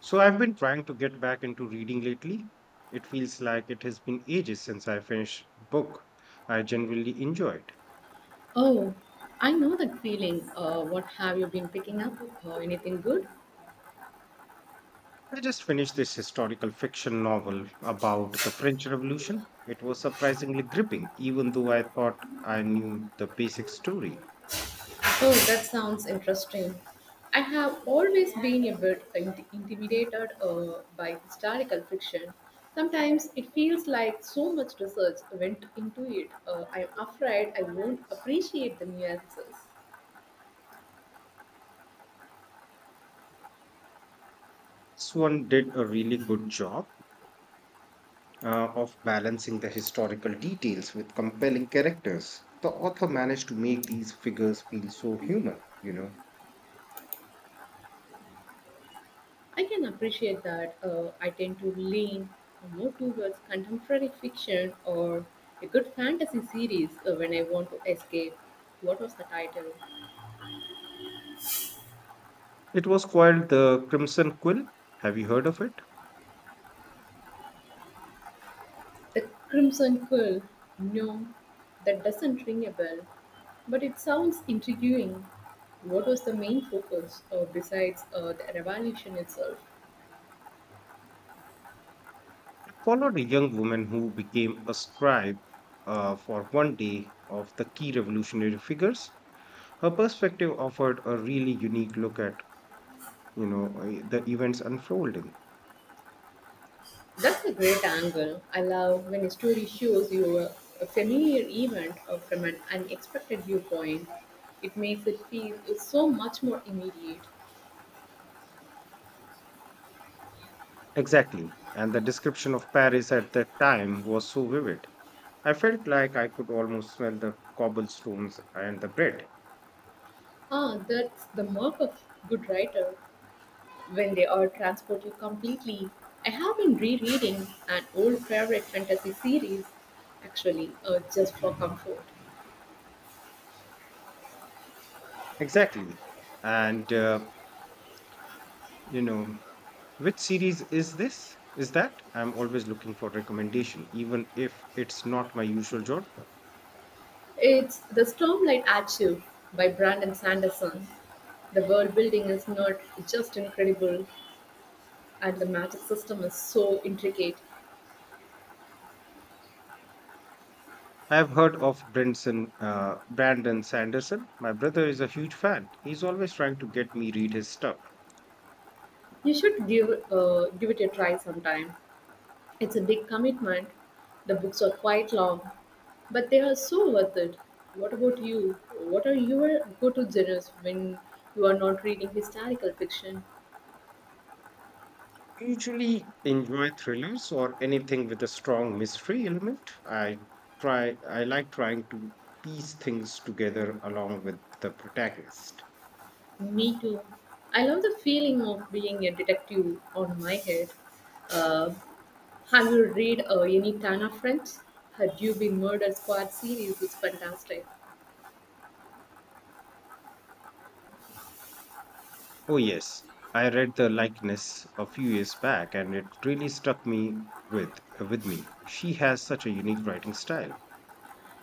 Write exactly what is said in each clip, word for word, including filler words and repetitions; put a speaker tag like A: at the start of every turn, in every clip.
A: So I've been trying to get back into reading lately. It feels like it has been ages since I finished a book I genuinely enjoyed.
B: Oh, I know that feeling. Uh, what have you been picking up? Uh, anything good?
A: I just finished this historical fiction novel about the French Revolution. It was surprisingly gripping, even though I thought I knew the basic story.
B: Oh, that sounds interesting. I have always been a bit in- intimidated uh, by historical fiction. Sometimes it feels like so much research went into it. Uh, I'm afraid I won't appreciate the nuances.
A: This one did a really good job uh, of balancing the historical details with compelling characters. The author managed to make these figures feel so human, you know.
B: I can appreciate that. Uh, I tend to lean more towards contemporary fiction or a good fantasy series uh, when I want to escape. What was the title?
A: It was called the Crimson Quill. Have you heard of it?
B: The Crimson Quill. No, that doesn't ring a bell, but it sounds intriguing. What was the main focus uh, besides uh, the revolution itself?
A: It followed a young woman who became a scribe uh, for one day of the key revolutionary figures. Her perspective offered a really unique look at, you know, uh, the events unfolding.
B: That's a great angle. I love when a story shows you a, a familiar event uh, from an unexpected viewpoint. It makes it feel so much more immediate.
A: Exactly. And the description of Paris at that time was so vivid. I felt like I could almost smell the cobblestones and the bread.
B: Ah, that's the mark of good writer when they are transport you completely. I have been rereading an old favorite fantasy series, actually, uh, just for comfort.
A: Exactly. And, uh, you know, which series is this? Is that? I'm always looking for recommendation, even if it's not my usual genre.
B: It's The Stormlight Archive by Brandon Sanderson. The world building is not just incredible, and the magic system is so intricate.
A: I have heard of Branson, uh, Brandon Sanderson. My brother is a huge fan. He's always trying to get me read his stuff.
B: You should give uh, give it a try sometime. It's a big commitment. The books are quite long, but they are so worth it. What about you? What are your go-to genres when you are not reading historical fiction?
A: Usually enjoy thrillers or anything with a strong mystery element. I try I like trying to piece things together along with the protagonist.
B: Me too. I love the feeling of being a detective on my head. Uh, have you read uh, any Tana French? Had you been murdered squad series? It's fantastic.
A: Oh yes, I read The Likeness a few years back and it really struck me with with me. She has such a unique writing style.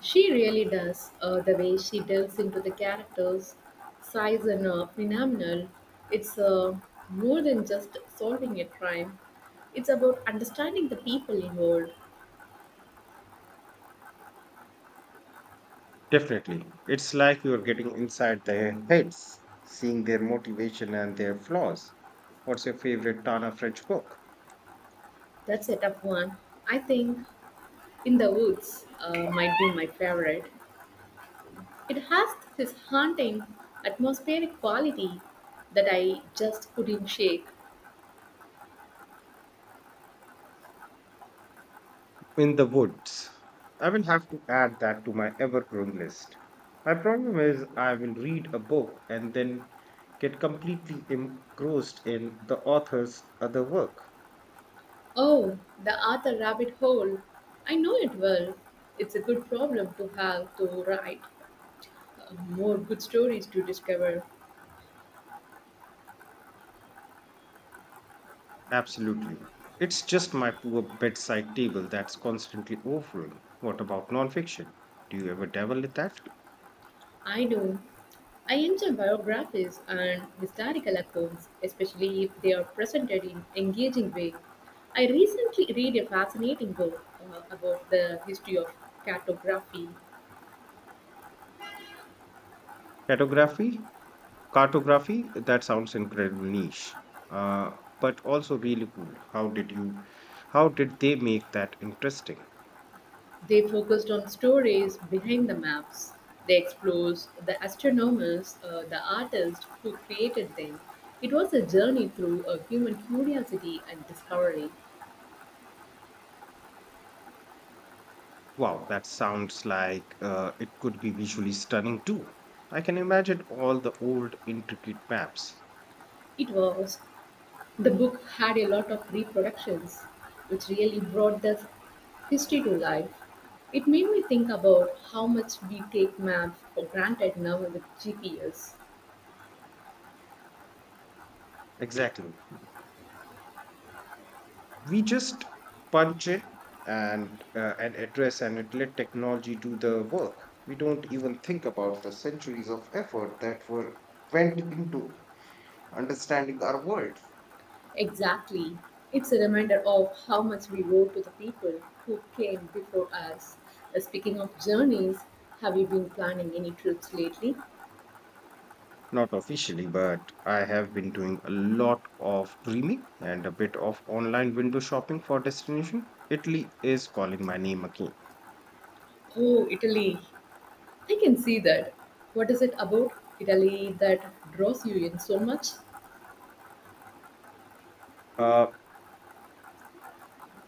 B: She really does. Uh, the way she delves into the characters, size and uh, phenomenal. It's uh, more than just solving a crime. It's about understanding the people involved.
A: Definitely. It's like you're getting inside their heads, seeing their motivation and their flaws. What's your favorite Tana French book?
B: That's a tough one. I think In the Woods uh, might be my favorite. It has this haunting atmospheric quality that I just couldn't shake.
A: In the woods. I will have to add that to my ever growing list. My problem is, I will read a book and then get completely engrossed in the author's other work.
B: Oh, the Arthur Rabbit Hole. I know it well. It's a good problem to have to write. More good stories to discover.
A: Absolutely. It's just my poor bedside table that's constantly overrun. What about nonfiction? Do you ever dabble in that?
B: I know. I enjoy biographies and historical accounts, especially if they are presented in engaging way. I recently read a fascinating book uh, about the history of cartography.
A: Cartography? Cartography, that sounds incredibly niche, uh, but also really cool. How did you, how did they make that interesting?
B: They focused on stories behind the maps. They explores the astronomers, uh, the artists who created them. It was a journey through a human curiosity and discovery.
A: Wow, that sounds like uh, it could be visually stunning too. I can imagine all the old intricate maps.
B: It was The book had a lot of reproductions, which really brought the history to life. It made me think about how much we take maps for granted now with G P S.
A: Exactly. We just punch it and uh, an address and it let technology do the work. We don't even think about the centuries of effort that were went into understanding our world.
B: Exactly. It's a reminder of how much we owe to the people who came before us. Uh, Speaking of journeys, have you been planning any trips lately?
A: Not officially, but I have been doing a lot of dreaming and a bit of online window shopping for destination. Italy is calling my name again.
B: Oh, Italy. I can see that. What is it about Italy that draws you in so much?
A: Uh,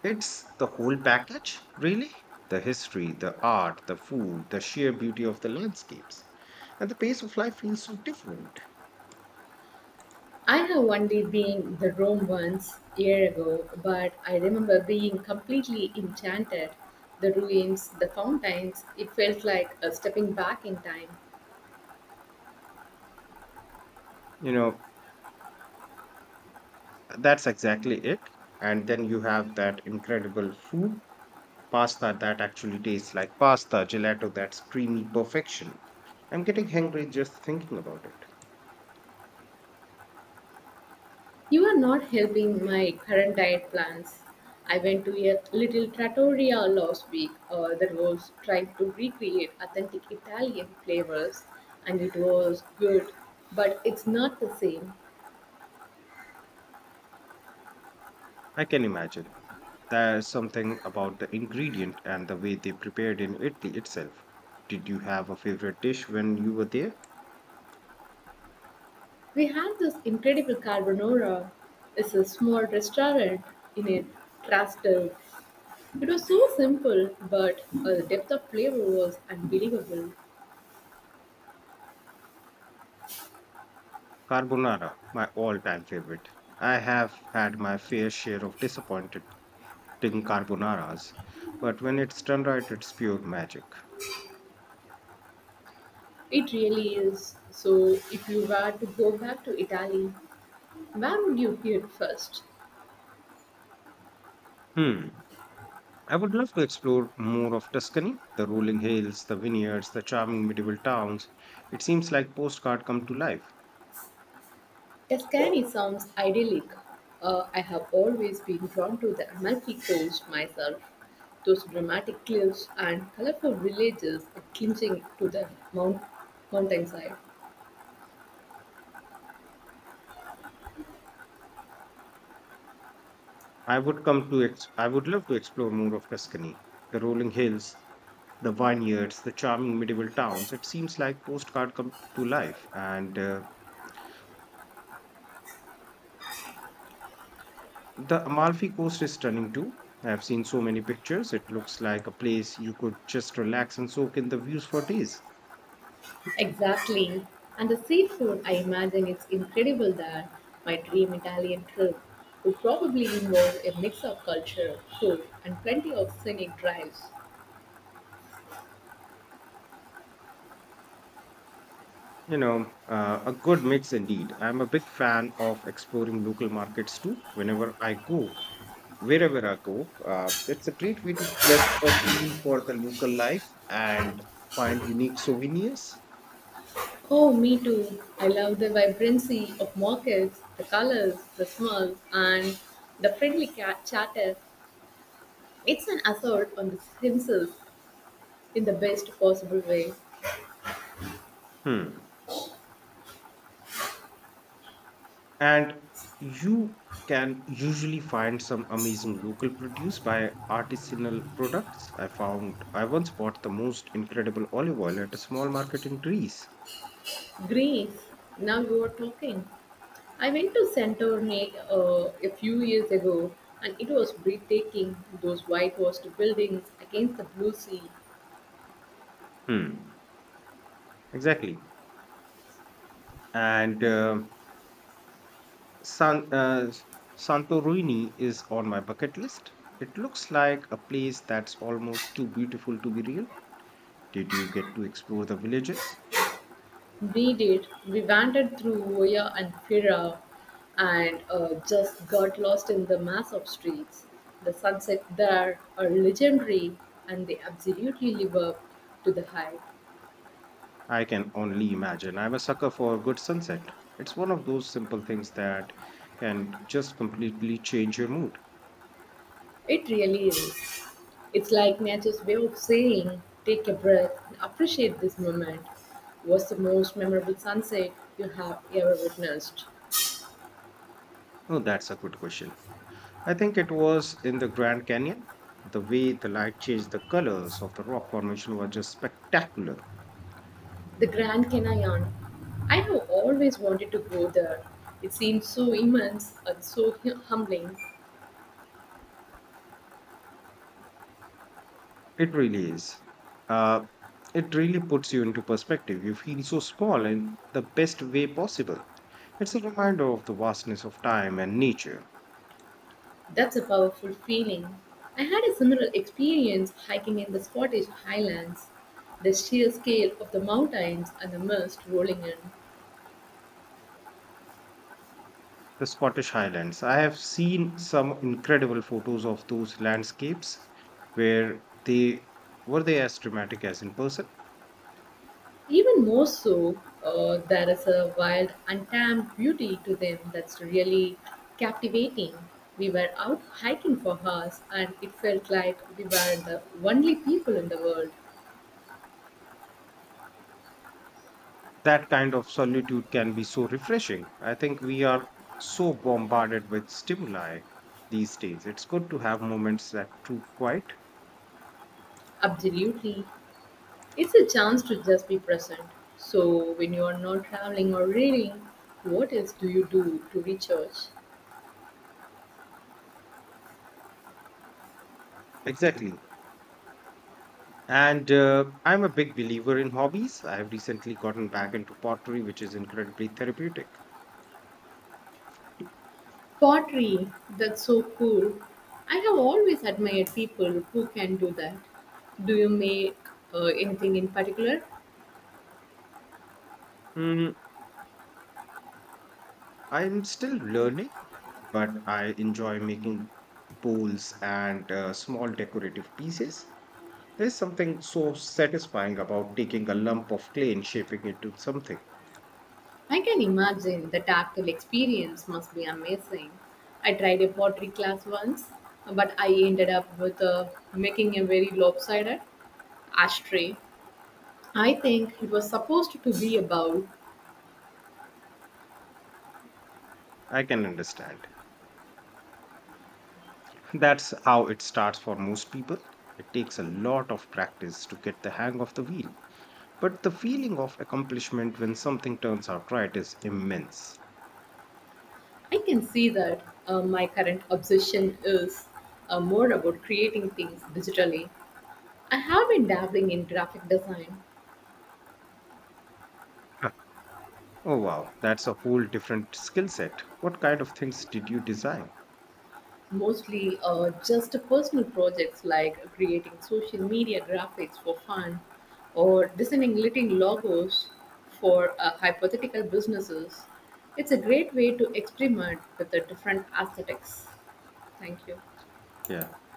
A: it's the whole package, really. The history, the art, the food, the sheer beauty of the landscapes. And the pace of life feels so different.
B: I have only been the Rome once year ago, but I remember being completely enchanted. The ruins, the fountains, it felt like a stepping back in time.
A: You know, that's exactly it. And then you have that incredible food pasta that actually tastes like pasta, gelato that's creamy perfection. I'm getting hungry just thinking about it.
B: You are not helping my current diet plans. I went to a little trattoria last week uh, that was trying to recreate authentic Italian flavors, and it was good, but it's not the same.
A: I can imagine. There's something about the ingredient and the way they prepared in Italy itself. Did you have a favorite dish when you were there?
B: We had this incredible carbonara. It's a small restaurant in a Trastevere. It was so simple, but uh, the depth of flavor was unbelievable.
A: Carbonara, my all-time favorite. I have had my fair share of disappointing carbonaras, but when it's done right, it's pure magic.
B: It really is. So, if you were to go back to Italy, where would you head first?
A: Hmm. I would love to explore more of Tuscany, the rolling hills, the vineyards, the charming medieval towns. It seems like postcard come to life.
B: Tuscany sounds idyllic. Uh, I have always been drawn to the Amalfi Coast myself. Those dramatic cliffs and colorful villages are clinching to the mount- mountainside.
A: I would come to ex- I would love to explore more of Tuscany, the rolling hills, the vineyards, the charming medieval towns. It seems like postcard come to life. And uh, the Amalfi Coast is stunning too. I've seen so many pictures. It looks like a place you could just relax and soak in the views for days.
B: Exactly. And the seafood, I imagine it's incredible that my dream Italian trip would probably involve a mix of culture, food, and plenty of scenic drives.
A: You know, uh, a good mix indeed. I'm a big fan of exploring local markets too. Whenever I go, wherever I go, uh, it's a great way to get a feel for the local life and find unique souvenirs.
B: Oh, me too. I love the vibrancy of markets, the colors, the smells, and the friendly cat chatter. It's an assault on the himself in the best possible way.
A: Hmm. And you can usually find some amazing local produce by artisanal products. I found I once bought the most incredible olive oil at a small market in Greece.
B: Greece, now you are talking. I went to Santorini uh, a few years ago and it was breathtaking. Those whitewashed buildings against the blue sea.
A: Hmm. Exactly. And uh, San, uh, S- Santorini is on my bucket list. It looks like a place that's almost too beautiful to be real. Did you get to explore the villages?
B: We did. We wandered through Oya and Fira and uh, just got lost in the mass of streets. The sunsets there are legendary and they absolutely live up to the hype.
A: I can only imagine. I'm a sucker for a good sunset. It's one of those simple things that can just completely change your mood.
B: It really is. It's like nature's way of saying, take a breath and appreciate this moment. What's the most memorable sunset you have ever witnessed?
A: Oh, that's a good question. I think it was in the Grand Canyon. The way the light changed the colors of the rock formation was just spectacular.
B: The Grand Canyon. I have always wanted to go there. It seems so immense and so hu- humbling.
A: It really is. Uh, it really puts you into perspective. You feel so small in the best way possible. It's a reminder of the vastness of time and nature.
B: That's a powerful feeling. I had a similar experience hiking in the Scottish Highlands. The sheer scale of the mountains and the mist rolling in.
A: The Scottish Highlands. I have seen some incredible photos of those landscapes where they were they as dramatic as in person?
B: Even more so, uh, there is a wild, untamed beauty to them that's really captivating. We were out hiking for hours and it felt like we were the only people in the world.
A: That kind of solitude can be so refreshing. I think we are so bombarded with stimuli these days. It's good to have moments that prove quiet.
B: Absolutely. It's a chance to just be present. So, when you are not traveling or reading, what else do you do to recharge?
A: Exactly. And uh, I'm a big believer in hobbies. I have recently gotten back into pottery, which is incredibly therapeutic.
B: Pottery. That's so cool. I have always admired people who can do that. Do you make uh, anything in particular?
A: Mm, I'm still learning, but I enjoy making bowls and uh, small decorative pieces. There's something so satisfying about taking a lump of clay and shaping it into something.
B: I can imagine the tactile experience must be amazing. I tried a pottery class once, but I ended up with uh, making a very lopsided ashtray. I think it was supposed to be about.
A: I can understand. That's how it starts for most people. It takes a lot of practice to get the hang of the wheel, but the feeling of accomplishment when something turns out right is immense.
B: I can see that uh, my current obsession is uh, more about creating things digitally. I have been dabbling in graphic design.
A: Huh. Oh wow, that's a whole different skill set. What kind of things did you design?
B: Mostly uh, just personal projects like creating social media graphics for fun or designing little logos for uh, hypothetical businesses. It's a great way to experiment with the different aesthetics. Thank you.
A: So, yeah.